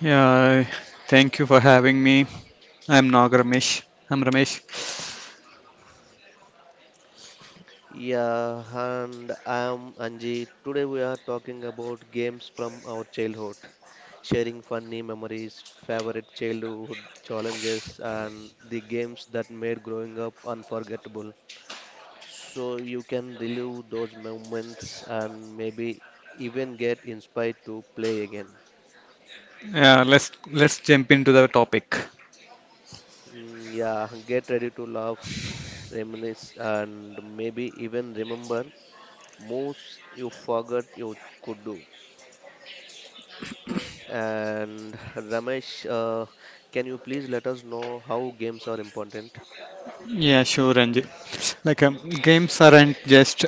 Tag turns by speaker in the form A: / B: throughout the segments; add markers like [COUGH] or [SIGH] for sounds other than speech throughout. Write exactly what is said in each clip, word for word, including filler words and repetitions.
A: Yeah, thank you for having me. I'm Nag Ramesh. I'm Ramesh. Yeah, let's let's jump into the topic. Yeah, sure, Ranjit. Like um, games aren't just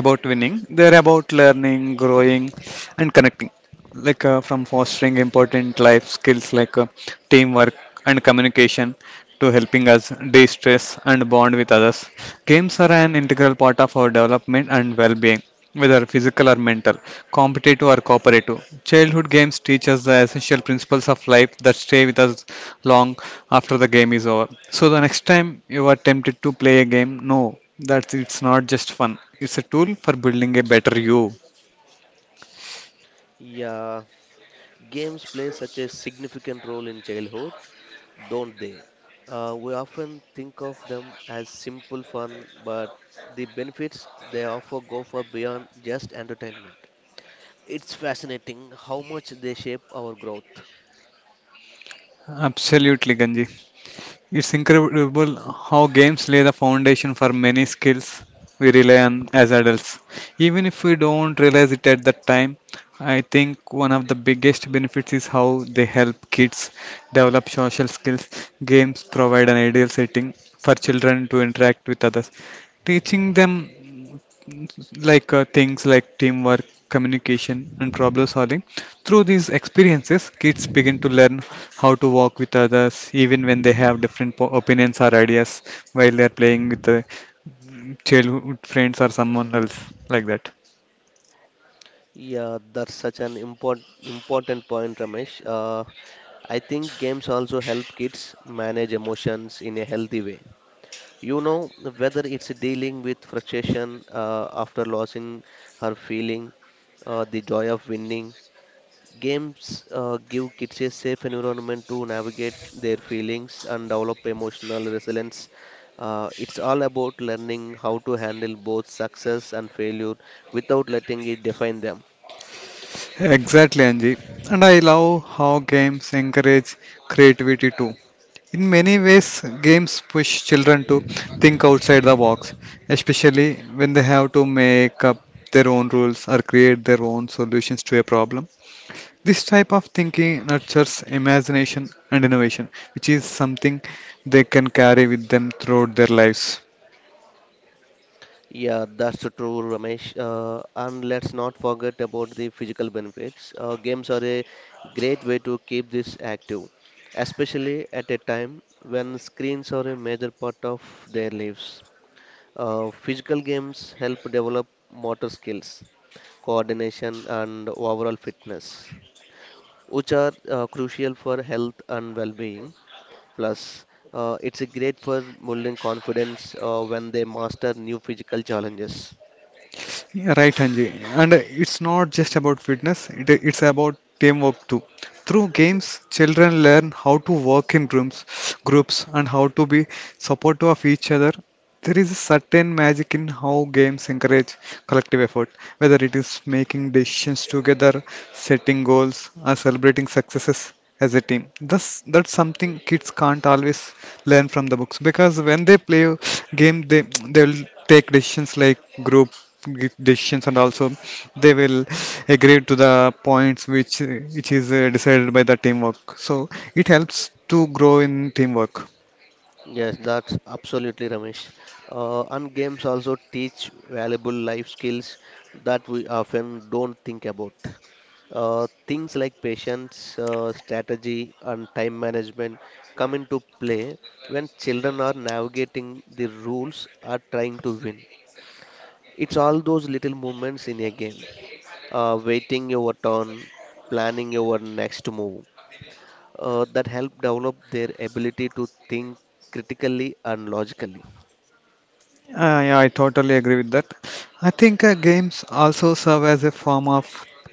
A: about winning. They're about learning, growing, and connecting. Like uh, from fostering important life skills like uh, teamwork and communication to helping us de stress and bond with others. Games are an integral part of our development and well being. Whether physical or mental, competitive or cooperative. Childhood games teach us the essential principles of life that stay with us long after the game is over. So the next time you are tempted to play a game, know that it's not just fun. It's a tool for building a better you. Absolutely, Ganji. It's incredible how games lay the foundation for many skills we rely on as adults. Even if we don't realize it at that time, I think one of the biggest benefits is how they help kids develop social skills. Games provide an ideal setting for children to interact with others, teaching them like uh, things like teamwork, communication, and problem solving. Through these experiences, kids begin to learn how to work with others, even when they have different po- opinions or ideas while they're playing with the childhood friends or someone else like that. Exactly, Anji. And I love how games encourage creativity too. In many ways, games push children to think outside the box, especially when they have to make up their own rules or create their own solutions to a problem. This type of thinking nurtures imagination and innovation, which is something they can carry with them throughout their lives. Yeah, right, Anji. And uh, it's not just about fitness, it, it's about teamwork too. Through games, children learn how to work in groups, groups and how to be supportive of each other. There is a certain magic in how games encourage collective effort, whether it is making decisions together, setting goals, or celebrating successes as a team. Thus, that's something kids can't always learn from the books because when they play a game, they they'll take decisions like group give decisions, and also they will agree to the points which which is uh, decided by the teamwork, so it helps to grow in teamwork. Uh, yeah, I totally agree with that. I think uh, games also serve as a form of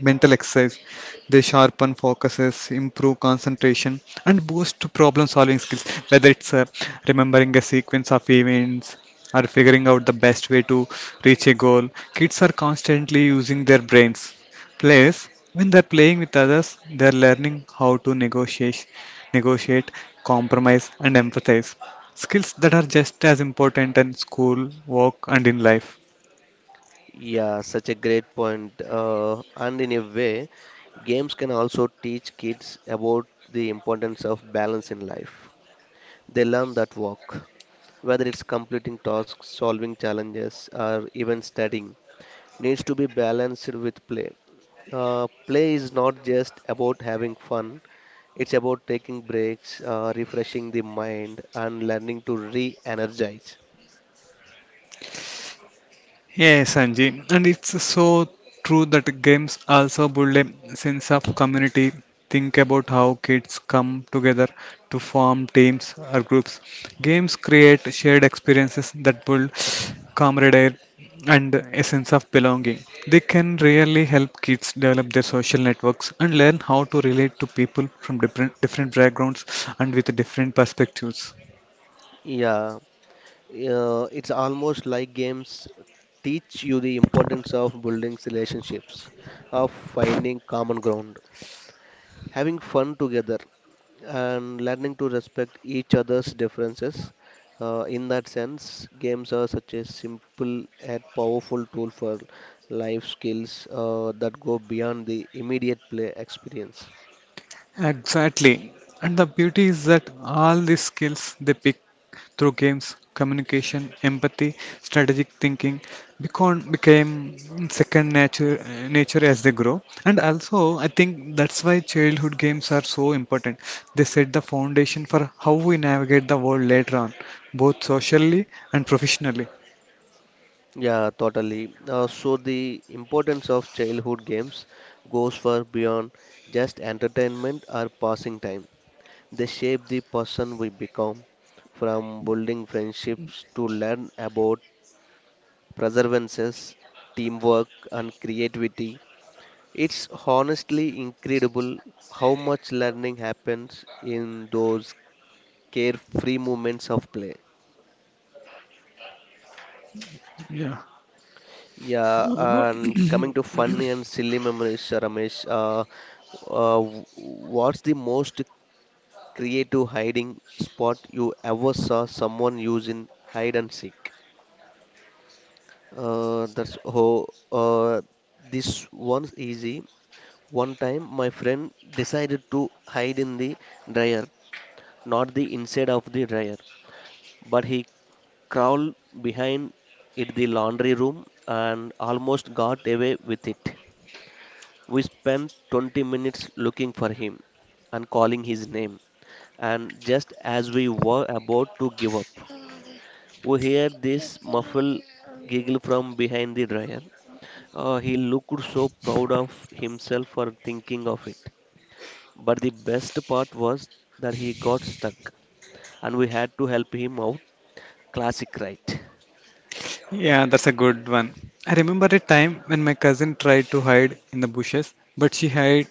A: mental exercise. They sharpen focuses, improve concentration, and boost problem solving skills, whether it's uh, remembering a sequence of events or figuring out the best way to reach a goal. Kids are constantly using their brains. Plus, when they're playing with others, they're learning how to negotiate, negotiate, compromise, and empathize. Skills that are just as important in school, work, and in life. Yes, Sanji, and it's so true that games also build a sense of community. Think about how kids come together to form teams or groups. Games create shared experiences that build camaraderie and a sense of belonging. They can really help kids develop their social networks and learn how to relate to people from different different backgrounds and with different perspectives. Exactly. And the beauty is that all these skills they pick through games, communication, empathy, strategic thinking, become became second nature nature as they grow. And also, I think that's why childhood games are so important. They set the foundation for how we navigate the world later on, both socially and professionally. Yeah. [CLEARS THROAT] Yeah, that's a good one. I remember a time when my cousin tried to hide in the bushes, but she had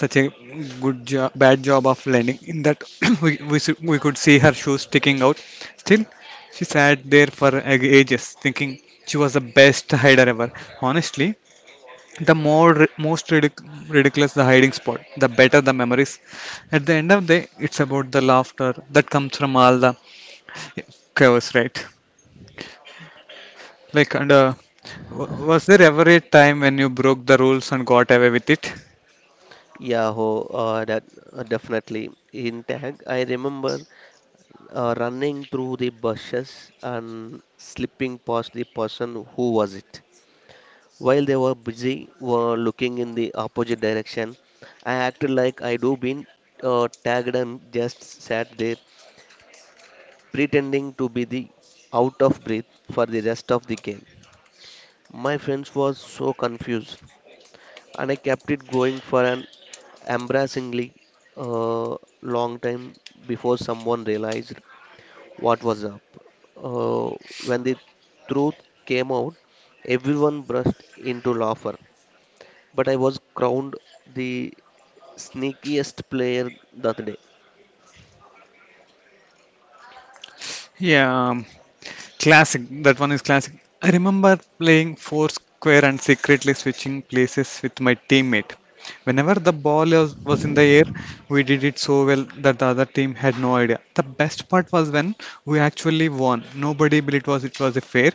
A: such a good job, bad job of landing in that [COUGHS] [CLEARS THROAT] we, we, s- we could see her shoes sticking out. Still, she sat there for ag- ages thinking she was the best hider ever. Honestly, the more ri- most ridic- ridiculous the hiding spot, the better the memories. At the end of the day, it's about the laughter that comes from all the chaos, right? Like, and uh, w- was there ever a time when you broke the rules and got away with it? Yeah, um, classic. That one is classic. I remember playing Foursquare and secretly switching places with my teammate. Whenever the ball was, was in the air, we did it so well that the other team had no idea. The best part was when we actually won. Nobody believed it was it was a fair.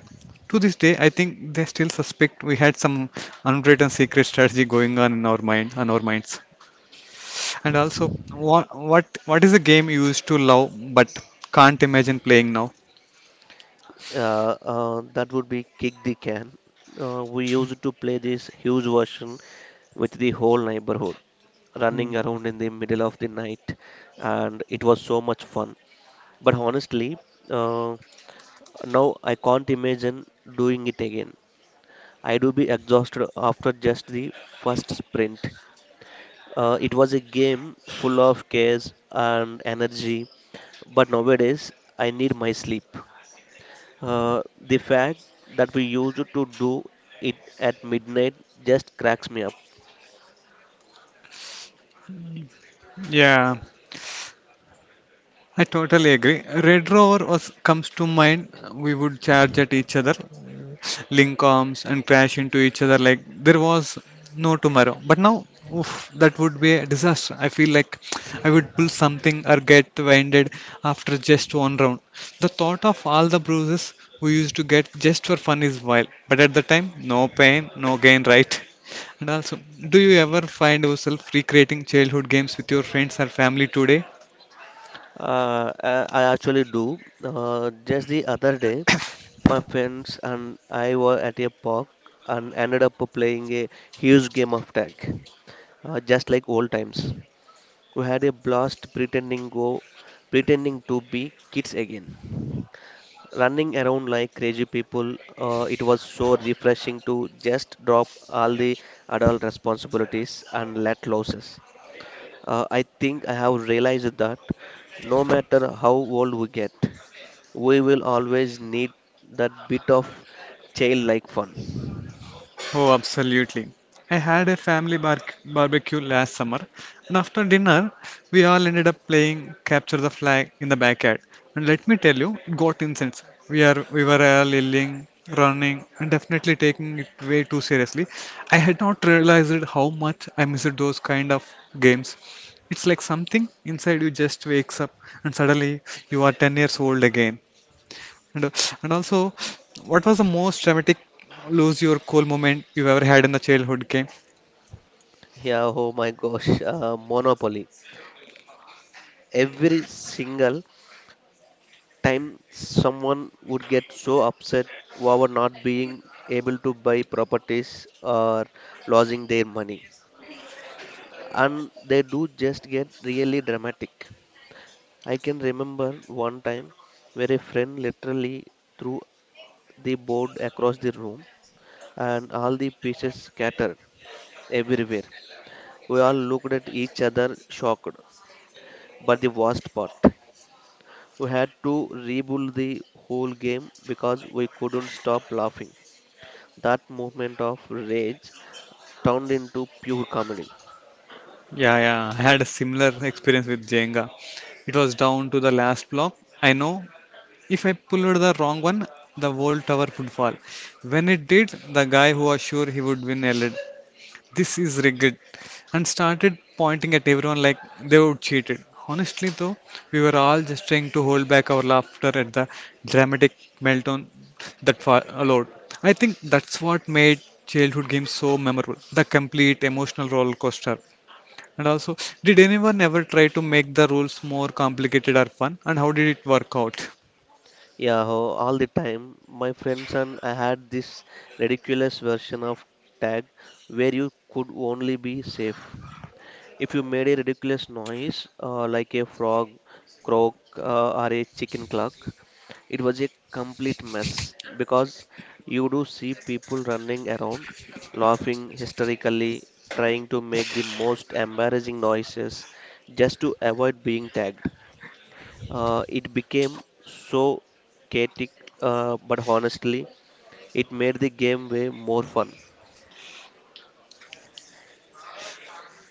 A: To this day, I think they still suspect we had some unwritten secret strategy going on in our mind, on our minds. And also, what what what is a game you used to love but can't imagine playing now? Hmm. Yeah, I totally agree. Red Rover was comes to mind. We would charge at each other, link arms, and crash into each other like there was no tomorrow. But now, oof, that would be a disaster. I feel like I would pull something or get winded after just one round. The thought of all the bruises we used to get just for fun is wild. But at the time, no pain, no gain, right? And also, do you ever find yourself recreating childhood games with your friends or family today? Oh, absolutely. I had a family bar- barbecue last summer, and after dinner, we all ended up playing Capture the Flag in the backyard. And let me tell you, it got intense. We are we were all yelling, running, and definitely taking it way too seriously. I had not realized how much I missed those kind of games. It's like something inside you just wakes up, and suddenly you are ten years old again. And, and also, what was the most dramatic lose your cool moment you've ever had in the childhood game? Yeah, yeah, I had a similar experience with Jenga. It was down to the last block. I know if I pulled the wrong one, the whole tower would fall. When it did, the guy who was sure he would win yelled, this is rigged, and started pointing at everyone like they were cheated. Honestly, though, we were all just trying to hold back our laughter at the dramatic meltdown that followed. I think that's what made childhood games so memorable, the complete emotional roller coaster. And also, did anyone ever try to make the rules more complicated or fun? And how did it work out?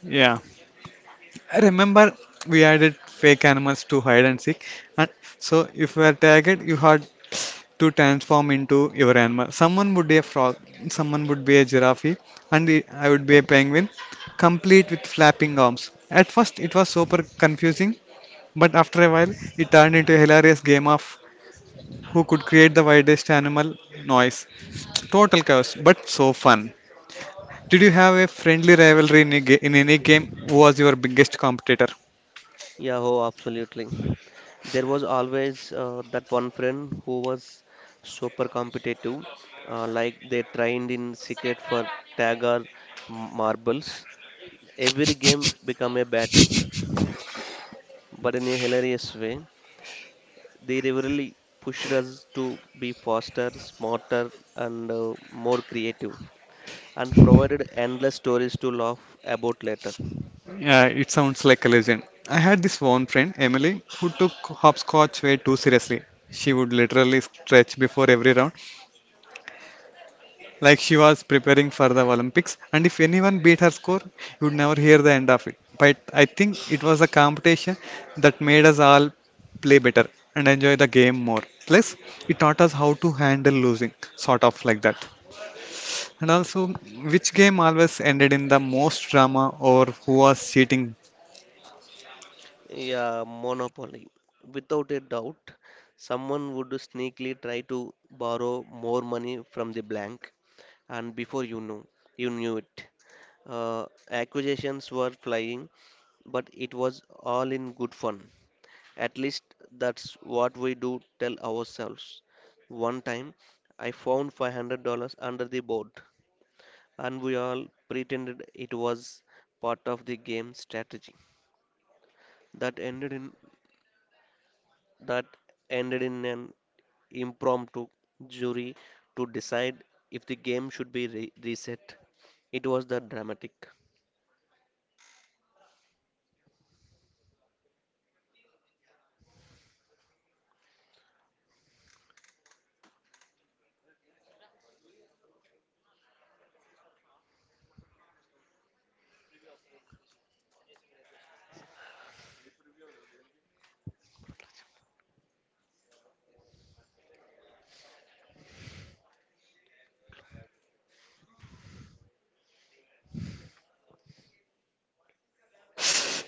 A: Yeah. I remember we added fake animals to hide and seek, and so if you were tagged, you had to transform into your animal. Someone would be a frog, someone would be a giraffe, and the- I would be a penguin, complete with flapping arms. At first, it was super confusing, but after a while, it turned into a hilarious game of who could create the wildest animal noise. Total chaos, but so fun. Did you have a friendly rivalry in, a ga- in any game? Who was your biggest competitor? Yeah, it sounds like a legend. I had this one friend, Emily, who took hopscotch way too seriously. She would literally stretch before every round, like she was preparing for the Olympics. And if anyone beat her score, you'd never hear the end of it. But I think it was a competition that made us all play better and enjoy the game more. Plus, it taught us how to handle losing, sort of like that. And also, which game always ended in the most drama or who was cheating?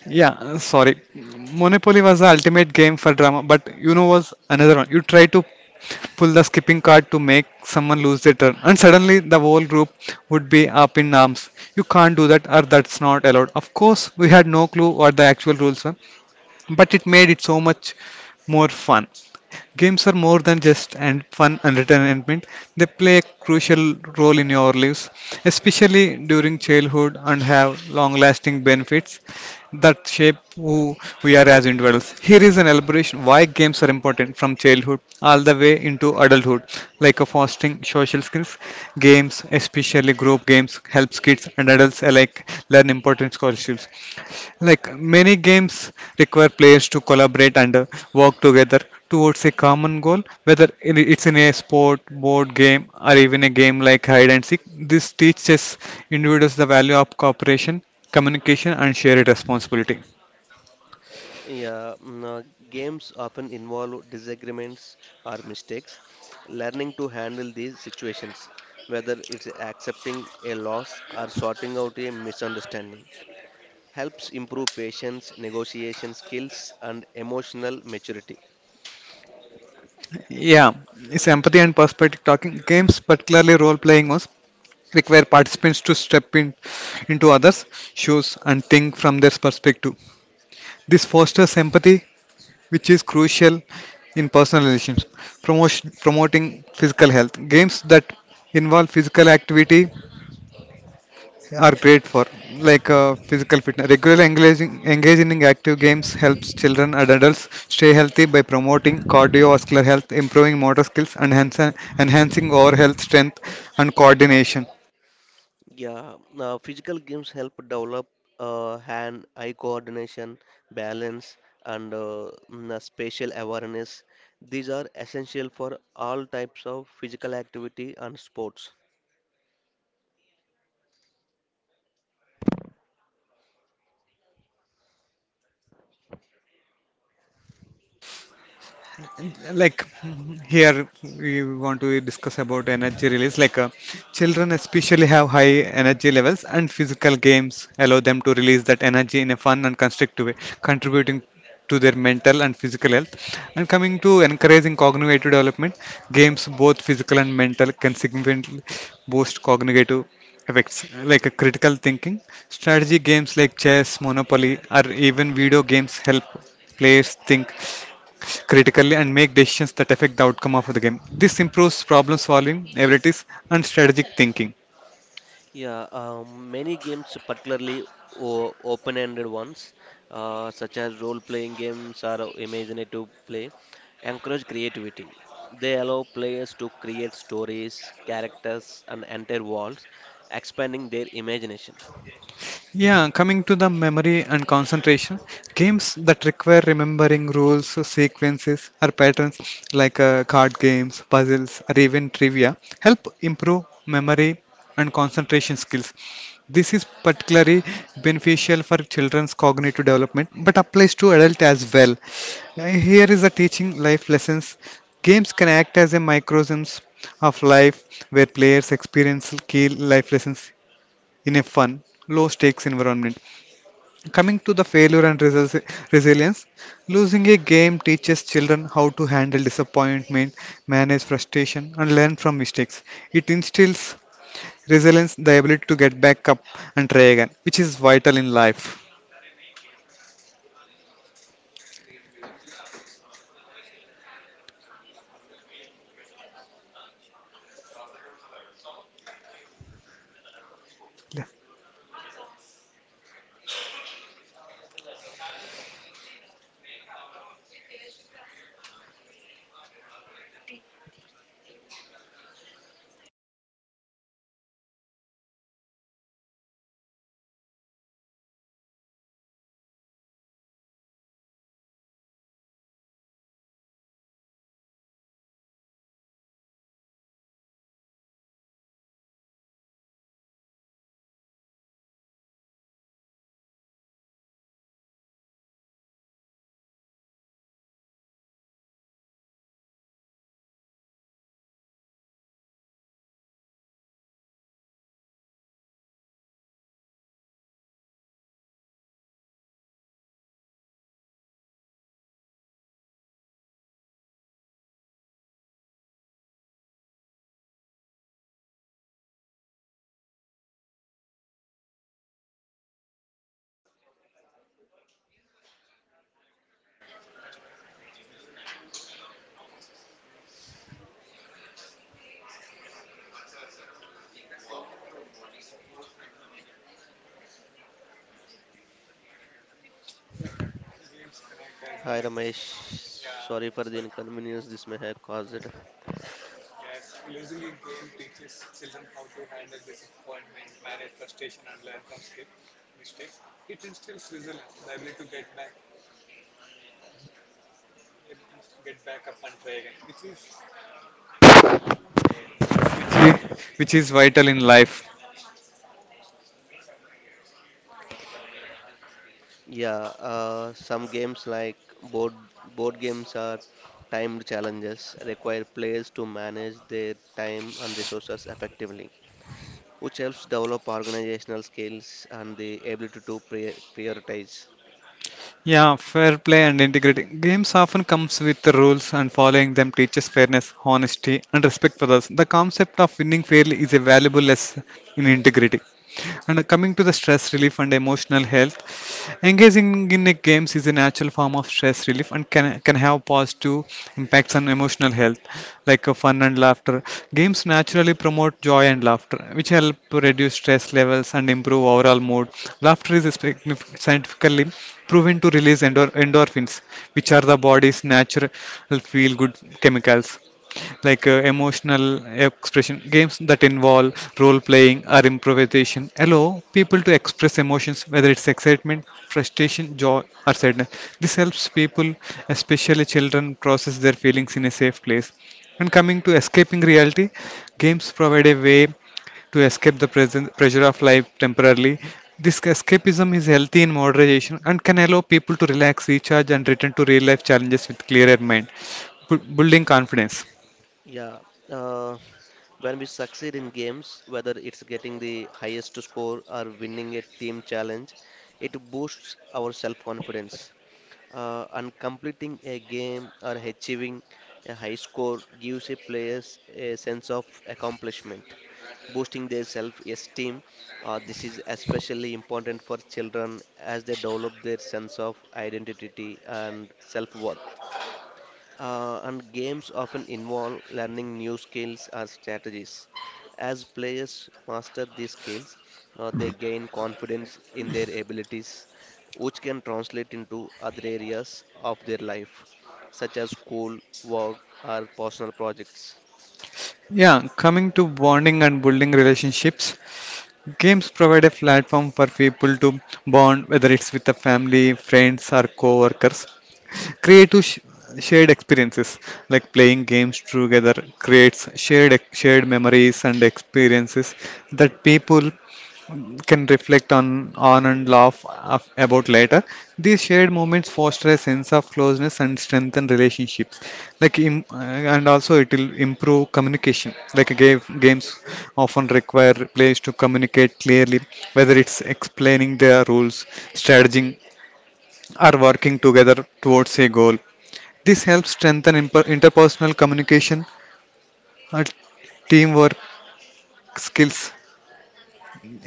A: Yeah, uh, sorry. Monopoly was the ultimate game for drama, but you know was another one. You try to pull the skipping card to make someone lose their turn, and suddenly the whole group would be up in arms. You can't do that, or that's not allowed. Of course, we had no clue what the actual rules were, but it made it so much more fun. Games are more than just and fun entertainment. They play a crucial role in your lives, especially during childhood, and have long-lasting benefits that shape who we are as individuals. Here is an elaboration why games are important from childhood all the way into adulthood, like a fostering social skills. Games, especially group games, helps kids and adults alike learn important skills like many games require players to collaborate and uh, work together towards a common goal, whether in- it's in a sport, board game, or even a game like hide and seek. This teaches individuals the value of cooperation, communication, and shared responsibility. Yeah, it's empathy and perspective talking. Games, particularly role playing ones, require participants to step in into others' shoes and think from their perspective. This fosters empathy, which is crucial in personal relationships. Promotion, promoting physical health. Games that involve physical activity are great for like uh, physical fitness. Regular engaging, engaging in active games helps children and adults stay healthy by promoting cardiovascular health, improving motor skills, and enhance- enhancing overall health, strength, and coordination. Like here we want to discuss about energy release, like uh, children especially have high energy levels and physical games allow them to release that energy in a fun and constructive way, contributing to their mental and physical health. And coming to encouraging cognitive development, games both physical and mental can significantly boost cognitive effects, like uh, critical thinking. Strategy games like chess, monopoly, or even video games help players think critically and make decisions that affect the outcome of the game. This improves problem solving, abilities, and strategic thinking. Yeah, coming to the memory and concentration, games that require remembering rules, sequences, or patterns, like uh, card games, puzzles, or even trivia help improve memory and concentration skills. This is particularly beneficial for children's cognitive development but applies to adults as well. Uh, Here is a teaching life lessons. Games can act as a microcosm of life where players experience key life lessons in a fun, low stakes environment. Coming to the failure and resi- resilience, losing a game teaches children how to handle disappointment, manage frustration, and learn from mistakes. It instills resilience, the ability to get back up and try again, which is vital in life.
B: Hi Ramesh, sorry for the inconvenience this may have caused.
A: Yeah. which is, which is vital in life.
B: Yeah, uh, some games like board board games are timed challenges, require players to manage their time and resources effectively, which helps develop organizational skills and the ability to pri- prioritize.
A: Yeah, fair play and integrity. Games often comes with the rules and following them teaches fairness, honesty and respect for others. The concept of winning fairly is a valuable lesson in integrity. And coming to the stress relief and emotional health, engaging in a games is a natural form of stress relief and can, can have positive impacts on emotional health, like uh, fun and laughter. Games naturally promote joy and laughter, which help to reduce stress levels and improve overall mood. Laughter is signif- scientifically proven to release endor- endorphins, which are the body's natural feel good chemicals. Like uh, emotional expression games that involve role playing or improvisation allow people to express emotions, whether it's excitement, frustration, joy, or sadness. This helps people, especially children, process their feelings in a safe place. And coming to escaping reality, games provide a way to escape the present pressure of life temporarily. This escapism is healthy in moderation and can allow people to relax, recharge, and return to real life challenges with clearer mind. Bu- building confidence.
B: Yeah, uh, when we succeed in games, whether it's getting the highest score or winning a team challenge, it boosts our self-confidence uh, and completing a game or achieving a high score gives a players a sense of accomplishment, boosting their self-esteem. Uh, this is especially important for children as they develop their sense of identity and self-worth. Uh, and games often involve learning new skills or strategies. As players master these skills, uh, they gain confidence in their abilities, which can translate into other areas of their life, such as school, work, or personal projects.
A: Yeah, coming to bonding and building relationships, games provide a platform for people to bond, whether it's with the family, friends, or co-workers. Creative sh- shared experiences, like playing games together, creates shared shared memories and experiences that people can reflect on, on and laugh af- about later. These shared moments foster a sense of closeness and strengthen relationships. Like im- uh, and also it will improve communication. Like game, games often require players to communicate clearly, whether it's explaining their rules, strategy, or working together towards a goal. This helps strengthen imper- interpersonal communication and teamwork skills.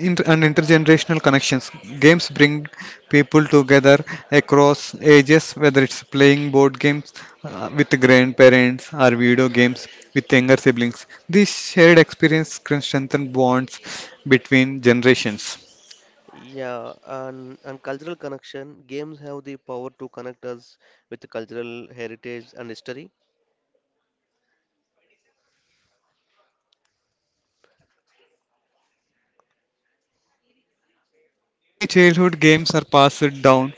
A: Inter- and intergenerational connections. Games bring people together across ages, whether it's playing board games uh, with grandparents or video games with younger siblings. This shared experience can strengthen bonds between generations.
B: Yeah, and, and cultural connection. Games have the power to connect us with cultural heritage and history.
A: Many childhood games are passed down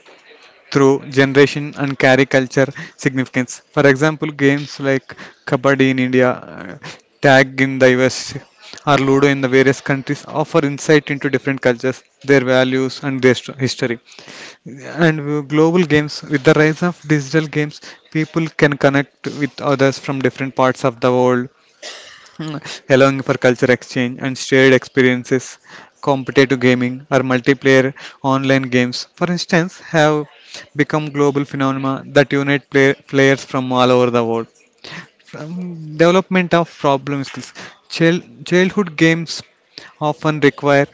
A: through generation and carry culture significance. For example, games like Kabaddi in India, uh, Tag in the U S, or Ludo in the various countries offer insight into different cultures, their values, and their st- history. And uh, global games, with the rise of digital games, people can connect with others from different parts of the world, [LAUGHS] allowing for culture exchange and shared experiences. Competitive gaming or multiplayer online games, for instance, have become global phenomena that unite play- players from all over the world. From development of problem skills. Child, Childhood games often require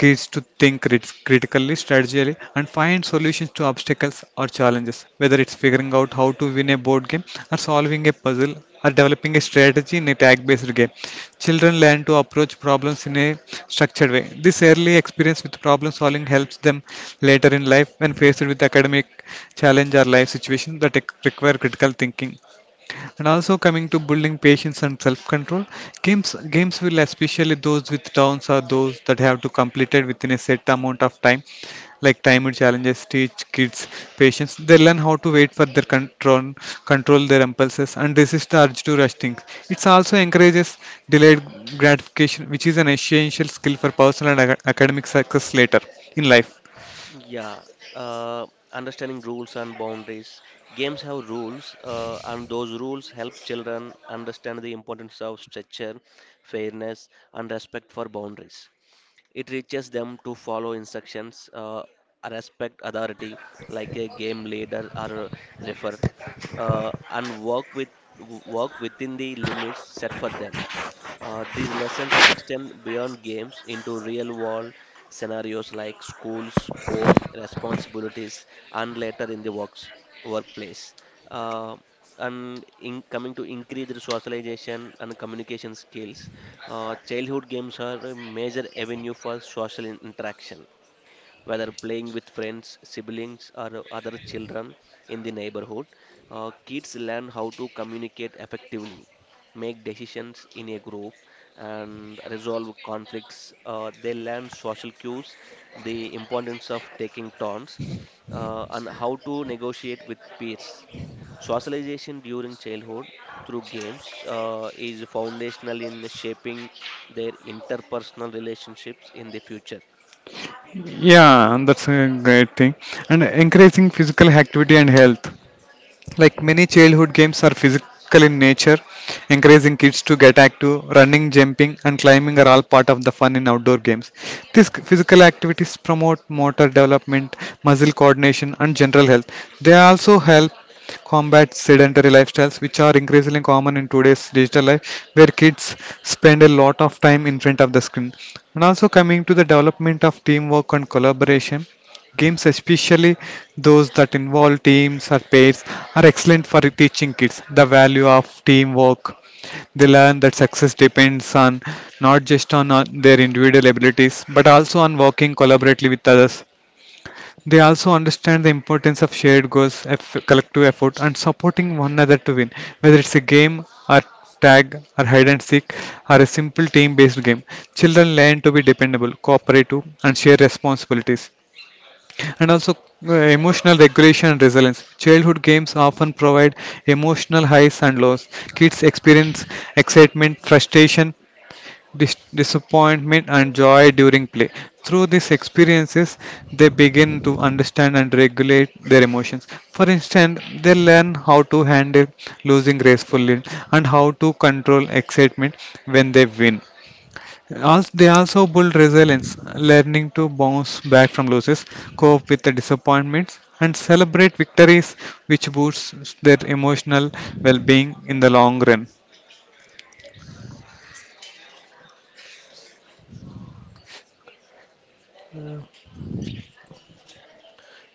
A: kids to think crit- critically, strategically, and find solutions to obstacles or challenges. Whether it's figuring out how to win a board game, or solving a puzzle, or developing a strategy in a tag-based game, children learn to approach problems in a structured way. This early experience with problem-solving helps them later in life when faced with academic challenge or life situations that require critical thinking. And also coming to building patience and self-control, games games will especially those with downs are those that have to completed within a set amount of time, like timer challenges teach kids patience. They learn how to wait for their control, control their impulses, and resist the urge to rush things. It also encourages delayed gratification, which is an essential skill for personal and ac- academic success later in life.
B: Yeah, uh, understanding rules and boundaries. Games have rules, uh, and those rules help children understand the importance of structure, fairness, and respect for boundaries. It teaches them to follow instructions, uh, respect authority, like a game leader or refer, uh, and work with work within the limits set for them. Uh, these lessons extend beyond games into real world scenarios like schools, home, responsibilities, and later in the works, workplace. Uh, and in, coming to increased socialization and communication skills, uh, childhood games are a major avenue for social in- interaction whether playing with friends, siblings, or other children in the neighborhood. Uh, kids learn how to communicate effectively, make decisions in a group, and resolve conflicts. Uh, they learn social cues, the importance of taking turns, uh, and how to negotiate with peers. Socialization during childhood through games uh, is foundational in shaping their interpersonal relationships in the future.
A: Yeah, and that's a great thing. And encouraging physical activity and health. Like many childhood games are physical in nature, encouraging kids to get active. Running, jumping, and climbing are all part of the fun in outdoor games. These physical activities promote motor development, muscle coordination, and general health. They also help combat sedentary lifestyles, which are increasingly common in today's digital life, where kids spend a lot of time in front of the screen. And also coming to the development of teamwork and collaboration, games, especially those that involve teams or pairs, are excellent for teaching kids the value of teamwork. They learn that success depends on not just on uh, their individual abilities, but also on working collaboratively with others. They also understand the importance of shared goals, eff- collective effort, and supporting one another to win, whether it's a game or tag or hide and seek or a simple team based game. Children learn to be dependable, cooperative, and share responsibilities. And also uh, emotional regulation and resilience. Childhood games often provide emotional highs and lows. Kids experience excitement, frustration, dis- disappointment, and joy during play. Through these experiences, they begin to understand and regulate their emotions. For instance, they learn how to handle losing gracefully and how to control excitement when they win. Also, they also build resilience, learning to bounce back from losses, cope with the disappointments, and celebrate victories, which boosts their emotional well being in the long run.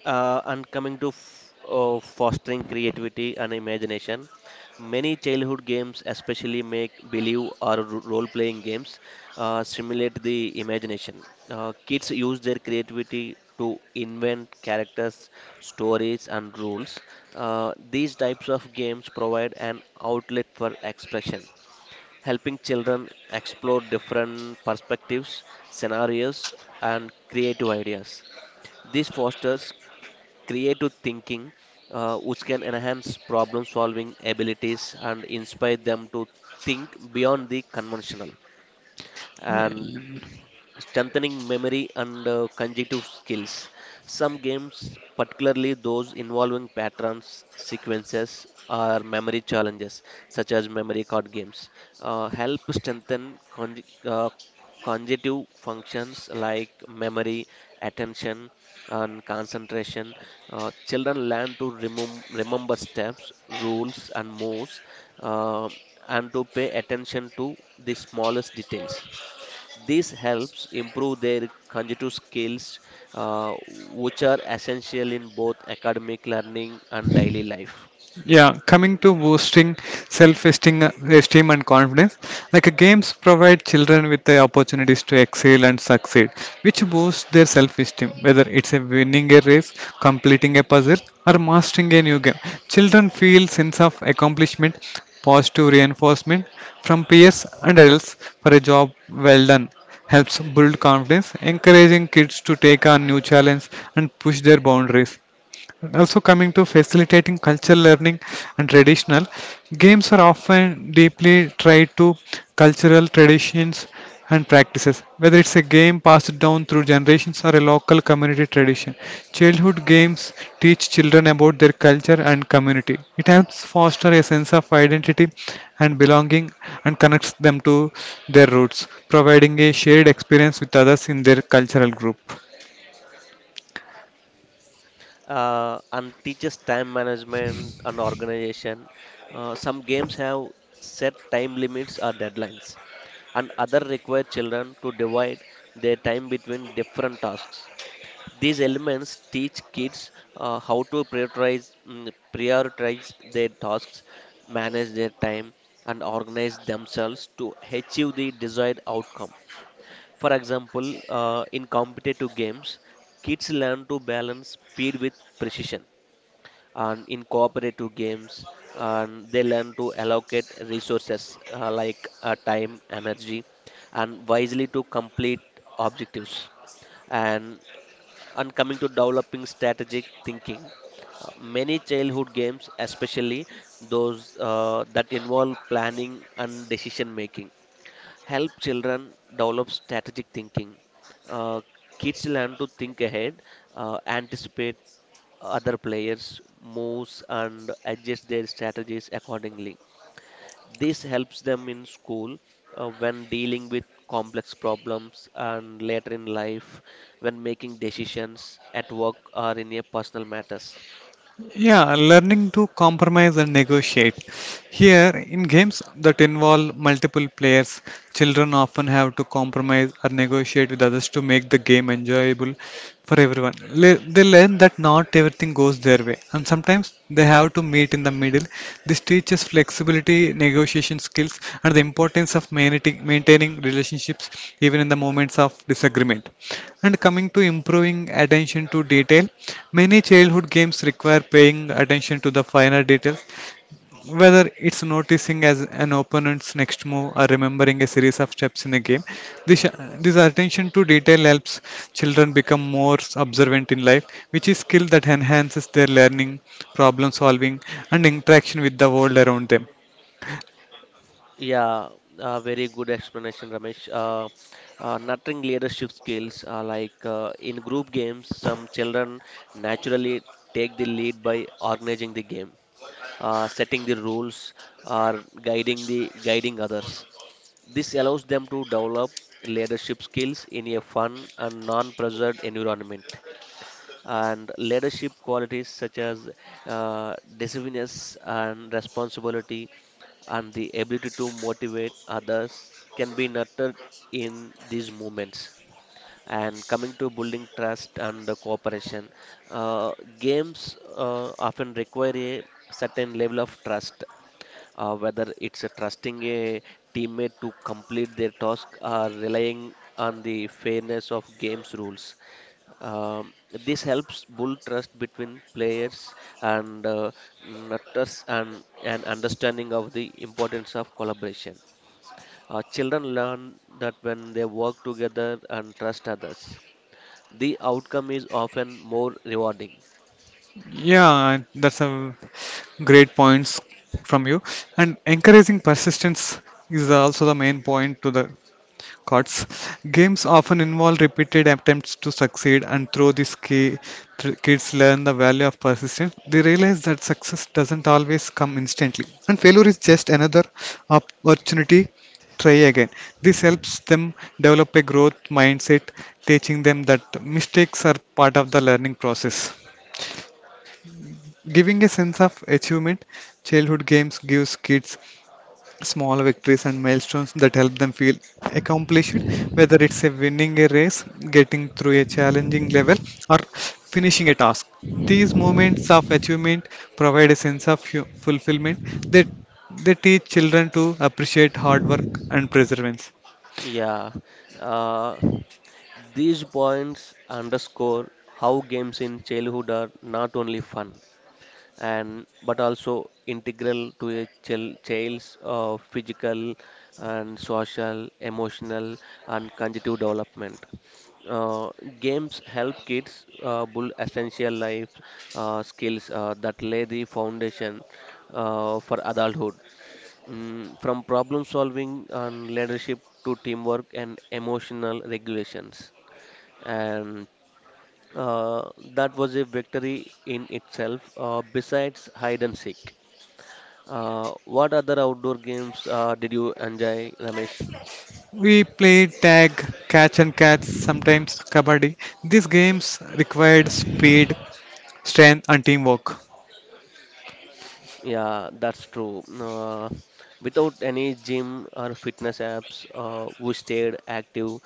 B: Uh, and coming to f uh, fostering creativity and imagination, many childhood games, especially make-believe or role-playing games, uh, stimulate the imagination. Uh, kids use their creativity to invent characters, stories, and rules. Uh, these types of games provide an outlet for expression, helping children explore different perspectives, scenarios, and creative ideas. This fosters creative thinking, uh, which can enhance problem solving abilities and inspire them to think beyond the conventional. And strengthening memory and uh, cognitive skills. Some games, particularly those involving patterns, sequences, or memory challenges, such as memory card games, uh, help strengthen con- uh, cognitive functions like memory, attention, and concentration. Uh, children learn to remem- remember steps, rules, and moves, uh, and to pay attention to the smallest details. This helps improve their cognitive skills, uh, which are essential in both academic learning and daily life.
A: Yeah, coming to boosting self-esteem, esteem and confidence, like uh, games provide children with the opportunities to excel and succeed, which boosts their self-esteem. Whether it's a winning a race, completing a puzzle, or mastering a new game, children feel sense of accomplishment, positive reinforcement from peers and adults for a job well done. Helps build confidence, encouraging kids to take on new challenges and push their boundaries. Also, coming to facilitating cultural learning and traditional, games are often deeply tied to cultural traditions and practices. Whether it's a game passed down through generations or a local community tradition, childhood games teach children about their culture and community. It helps foster a sense of identity and belonging and connects them to their roots, providing a shared experience with others in their cultural group.
B: Uh, and teaches time management and organization. Uh, some games have set time limits or deadlines, and other require children to divide their time between different tasks. These elements teach kids uh, how to prioritize, mm, prioritize their tasks, manage their time, and organize themselves to achieve the desired outcome. For example, uh, in competitive games, kids learn to balance speed with precision. And in cooperative games, and they learn to allocate resources uh, like uh, time, energy, and wisely to complete objectives. And and coming to developing strategic thinking uh, many childhood games especially those uh, that involve planning and decision making help children develop strategic thinking. uh, Kids learn to think ahead, uh, anticipate other players moves and adjust their strategies accordingly. This helps them in school uh, when dealing with complex problems and later in life when making decisions at work or in your personal matters.
A: Yeah, learning to compromise and negotiate. Here, in games that involve multiple players, children often have to compromise or negotiate with others to make the game enjoyable for everyone. Le- they learn that not everything goes their way, and sometimes they have to meet in the middle. This teaches flexibility, negotiation skills, and the importance of mainti- maintaining relationships even in the moments of disagreement. And coming to improving attention to detail, many childhood games require paying attention to the finer details, whether it's noticing as an opponent's next move or remembering a series of steps in a game. This, uh, this attention to detail helps children become more observant in life, which is skill that enhances their learning, problem solving, and interaction with the world around them.
B: Yeah, uh, very good explanation, Ramesh. Uh, uh, nurturing leadership skills uh, like uh, in group games, some children naturally take the lead by organizing the game. Uh, setting the rules, or guiding the guiding others. This allows them to develop leadership skills in a fun and non-pressured environment. And leadership qualities such as uh, decisiveness and responsibility and the ability to motivate others can be nurtured in these moments. And coming to building trust and the cooperation, uh, games uh, often require a certain level of trust, uh, whether it's a trusting a teammate to complete their task or relying on the fairness of games rules. Um, this helps build trust between players and uh, nurtures an, an understanding of the importance of collaboration. Uh, children learn that when they work together and trust others the outcome is often more rewarding.
A: Yeah, that's a great points from you. And encouraging persistence is also the main point to the cards. Games often involve repeated attempts to succeed, and through this key, th- kids learn the value of persistence. They realize that success doesn't always come instantly, and failure is just another opportunity. Try again. This helps them develop a growth mindset, teaching them that mistakes are part of the learning process. Giving a sense of achievement, childhood games gives kids small victories and milestones that help them feel accomplished, whether it's a winning a race, getting through a challenging level, or finishing a task. These moments of achievement provide a sense of hu- fulfillment. They they teach children to appreciate hard work and perseverance.
B: Yeah, uh, these points underscore how games in childhood are not only fun, and but also integral to a chil- child's uh, physical and social, emotional, and cognitive development. Uh, Games help kids uh, build essential life uh, skills uh, that lay the foundation uh, for adulthood. Mm, from problem solving and leadership to teamwork and emotional regulations. And uh, that was a victory in itself, uh, besides hide and seek. Uh, what other outdoor games uh, did you enjoy, Ramesh?
A: We played tag, catch and catch, sometimes kabaddi. These games required speed, strength, and teamwork.
B: Yeah, that's true. Uh, without any gym or fitness apps, uh, we stayed active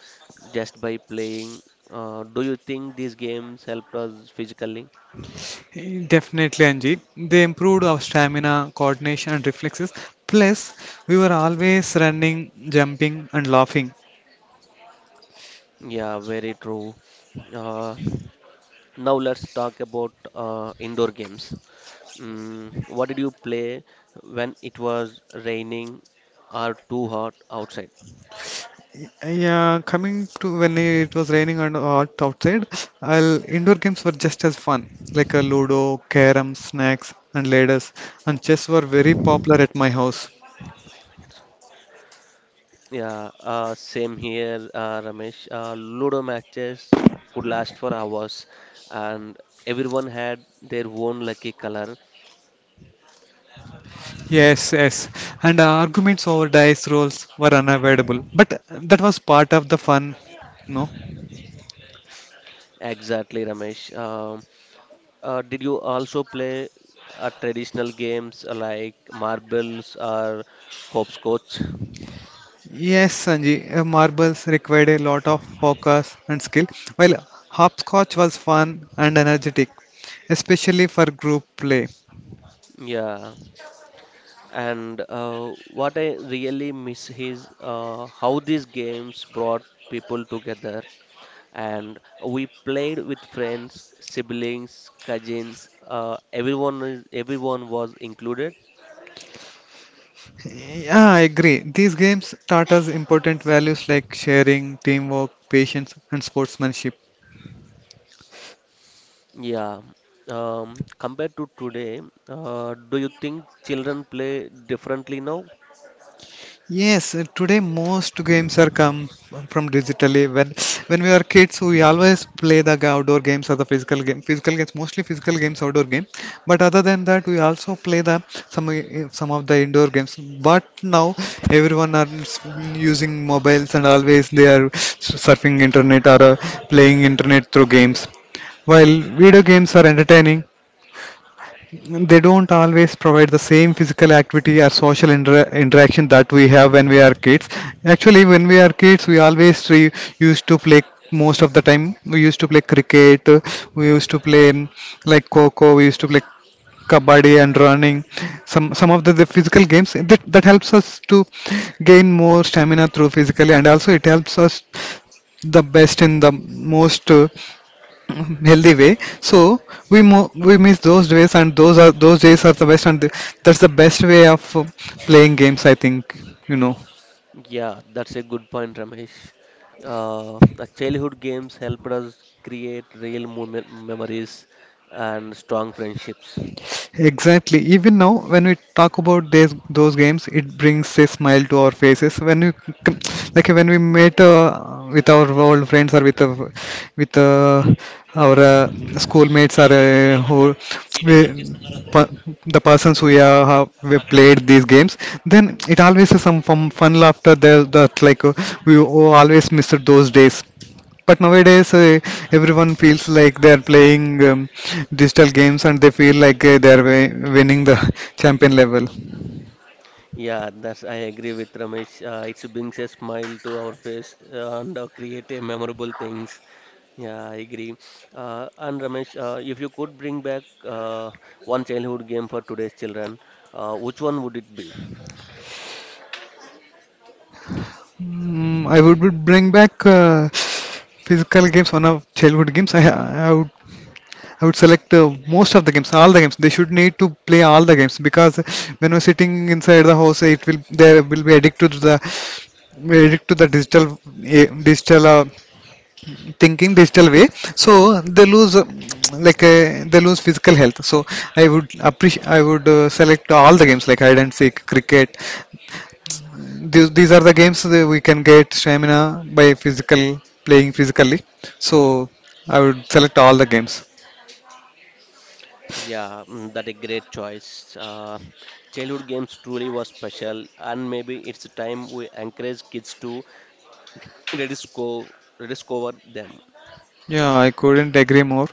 B: just by playing. Uh, do you think these games helped us physically?
A: Definitely, Anji. They improved our stamina, coordination, and reflexes. Plus, we were always running, jumping, and laughing.
B: Yeah, very true. Uh, Now let's talk about uh, indoor games. Mm, what did you play when it was raining or too hot outside?
A: Yeah, coming to when it was raining and hot outside, I'll, indoor games were just as fun, like a Ludo, carom, snacks, and ladders. And chess were very popular at my house.
B: Five minutes. Yeah, uh, same here, uh, Ramesh. Uh, Ludo matches could last for hours, and everyone had their own lucky color.
A: Yes, yes. And arguments over dice rolls were unavoidable, but that was part of the fun, no?
B: Exactly, Ramesh. Um uh, did you also play uh, traditional games like marbles or hopscotch?
A: Yes, Sanji, uh, marbles required a lot of focus and skill, while hopscotch was fun and energetic, especially for group play.
B: Yeah. And uh, what I really miss is uh, how these games brought people together. And we played with friends, siblings, cousins. Uh, everyone is everyone was included.
A: Yeah, I agree. These games taught us important values like sharing, teamwork, patience, and sportsmanship.
B: Yeah. Um, compared to today, uh, do you think children play differently now?
A: Yes, uh, today most games are come from digitally. When when we were kids, we always play the g- outdoor games or the physical game. Physical games, mostly physical games, outdoor game. But other than that, we also play the some i- some of the indoor games. But now everyone are s- using mobiles and always they are surfing internet or uh, playing internet through games. While video games are entertaining, they don't always provide the same physical activity or social inter- interaction that we have when we are kids. Actually, when we are kids, we always re- used to play most of the time. We used to play cricket, uh, we used to play mm, like coco, we used to play kabaddi and running. Some some of the, the physical games that, that helps us to gain more stamina through physically, and also it helps us the best in the most. Uh, [LAUGHS] healthy way, so we mo- we miss those days, and those are those days are the best, and that's the best way of uh, playing games, I think. you know
B: Yeah, that's a good point, Ramesh. Uh, the childhood games helped us create real moment memories and strong friendships.
A: Exactly. Even now, when we talk about these, those games, it brings a smile to our faces. When we c- like when we met uh, with our old friends or with uh, with uh, our uh, schoolmates, or uh, who we, pa- the persons who uh, have we played these games, then it always is some fun, fun laughter there, that like uh, we always miss those days. But nowadays, uh, everyone feels like they are playing um, digital games, and they feel like uh, they are wi- winning the [LAUGHS] champion level.
B: Yeah, that's I agree with Ramesh. Uh, it brings a smile to our face uh, and uh, create a memorable things. Yeah, I agree. Uh, and Ramesh, uh, if you could bring back uh, one childhood game for today's children, uh, which one would it be?
A: Mm, I would would bring back uh, physical games, one of childhood games. I, I would I would select uh, most of the games, all the games. They should need to play all the games, because when we're sitting inside the house, it will they will be addicted to the addicted to the digital, eh, digital, uh, thinking digital way, so they lose uh, like uh, they lose physical health. So I would appreciate, I would uh, select all the games, like hide and seek, cricket. These, these are the games that we can get stamina by physical playing physically. So I would select all the games.
B: Yeah, mm, that a great choice. Uh, childhood games truly was special, and maybe it's time we encourage kids to rediscover rediscover them.
A: Yeah, I couldn't agree more.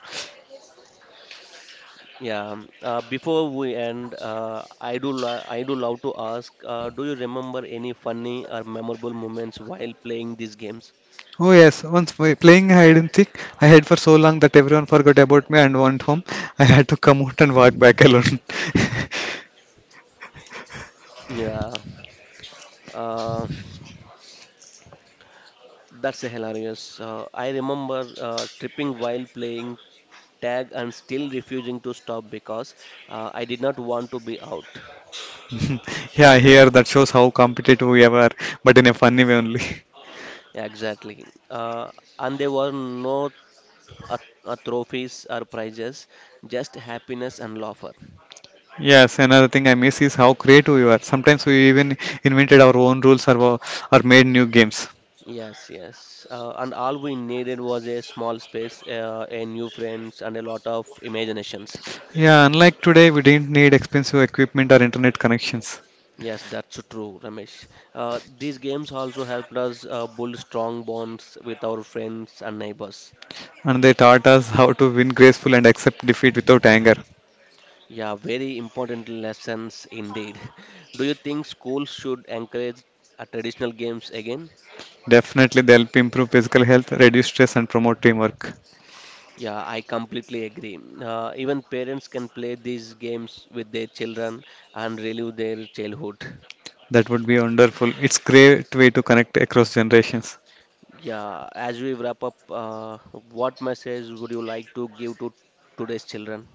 B: Yeah, um, uh, before we end, uh, I do lo I do love to ask, uh, do you remember any funny or memorable moments while playing these games?
A: Oh yes, once we- playing hide and seek, I hid for so long that everyone forgot about me and went home. I had to come out and walk back alone. [LAUGHS]
B: Yeah, uh, that's hilarious. Uh, I remember uh, tripping while playing tag and still refusing to stop because uh, I did not want to be out.
A: [LAUGHS] Yeah, here that shows how competitive we are, but in a funny way only. [LAUGHS]
B: Yeah, exactly. Uh, and there were no uh, uh, trophies or prizes, just happiness and laughter.
A: Yes, another thing I miss is how creative we are. Sometimes we even invented our own rules, or, wa- or made new games.
B: Yes, yes. Uh, and all we needed was a small space, uh, a new friends, and a lot of imaginations.
A: Yeah, unlike today, we didn't need expensive equipment or internet connections.
B: Yes, that's true, Ramesh. Uh, these games also helped us uh, build strong bonds with our friends and neighbors.
A: And they taught us how to win graceful and accept defeat without anger.
B: Yeah, very important lessons indeed. [LAUGHS] Do you think schools should encourage uh, traditional games again?
A: Definitely, they help improve physical health, reduce stress, and promote teamwork.
B: Yeah, I completely agree. Uh, even parents can play these games with their children and relive their childhood.
A: That would be wonderful. It's great way to connect across generations.
B: Yeah, as we wrap up, uh, what message would you like to give to today's children?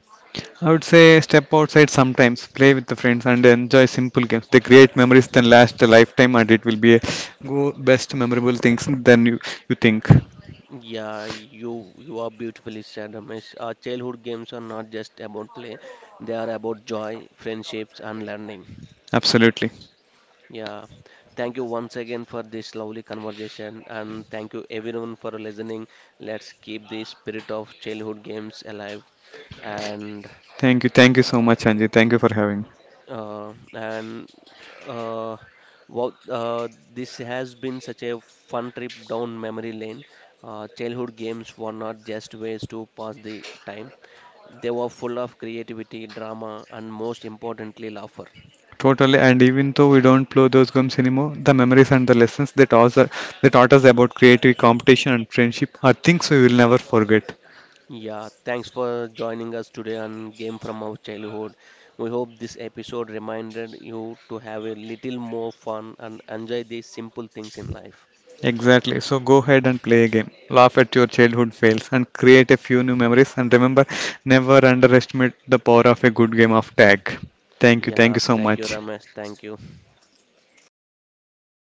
A: I would say step outside sometimes, play with the friends, and enjoy simple games. They create memories that last a lifetime, and it will be a go best memorable things than you, you think.
B: Yeah, you you are beautifully said, Ramesh. Uh, childhood games are not just about play; they are about joy, friendships, and learning.
A: Absolutely.
B: Yeah, thank you once again for this lovely conversation, and thank you everyone for listening. Let's keep the spirit of childhood games alive, and
A: Thank you. Thank you so much,
B: uh,
A: Anji. Thank you for having.
B: Uh, and uh, wow, uh, this has been such a fun trip down memory lane. Uh, childhood games were not just ways to pass the time, they were full of creativity, drama, and most importantly, laughter.
A: Totally. And even though we don't play those games anymore, the memories and the lessons that taught us, that taught us about creative competition and friendship are things we will never forget.
B: Yeah, thanks for joining us today on Game from Our Childhood. We hope this episode reminded you to have a little more fun and enjoy these simple things in life.
A: Exactly. So go ahead and play a game. Laugh at your childhood fails and create a few new memories. And remember, never underestimate the power of a good game of tag. Thank you. Thank
B: Yeah,
A: you so
B: thank you,
A: much.
B: Ramesh. Thank you.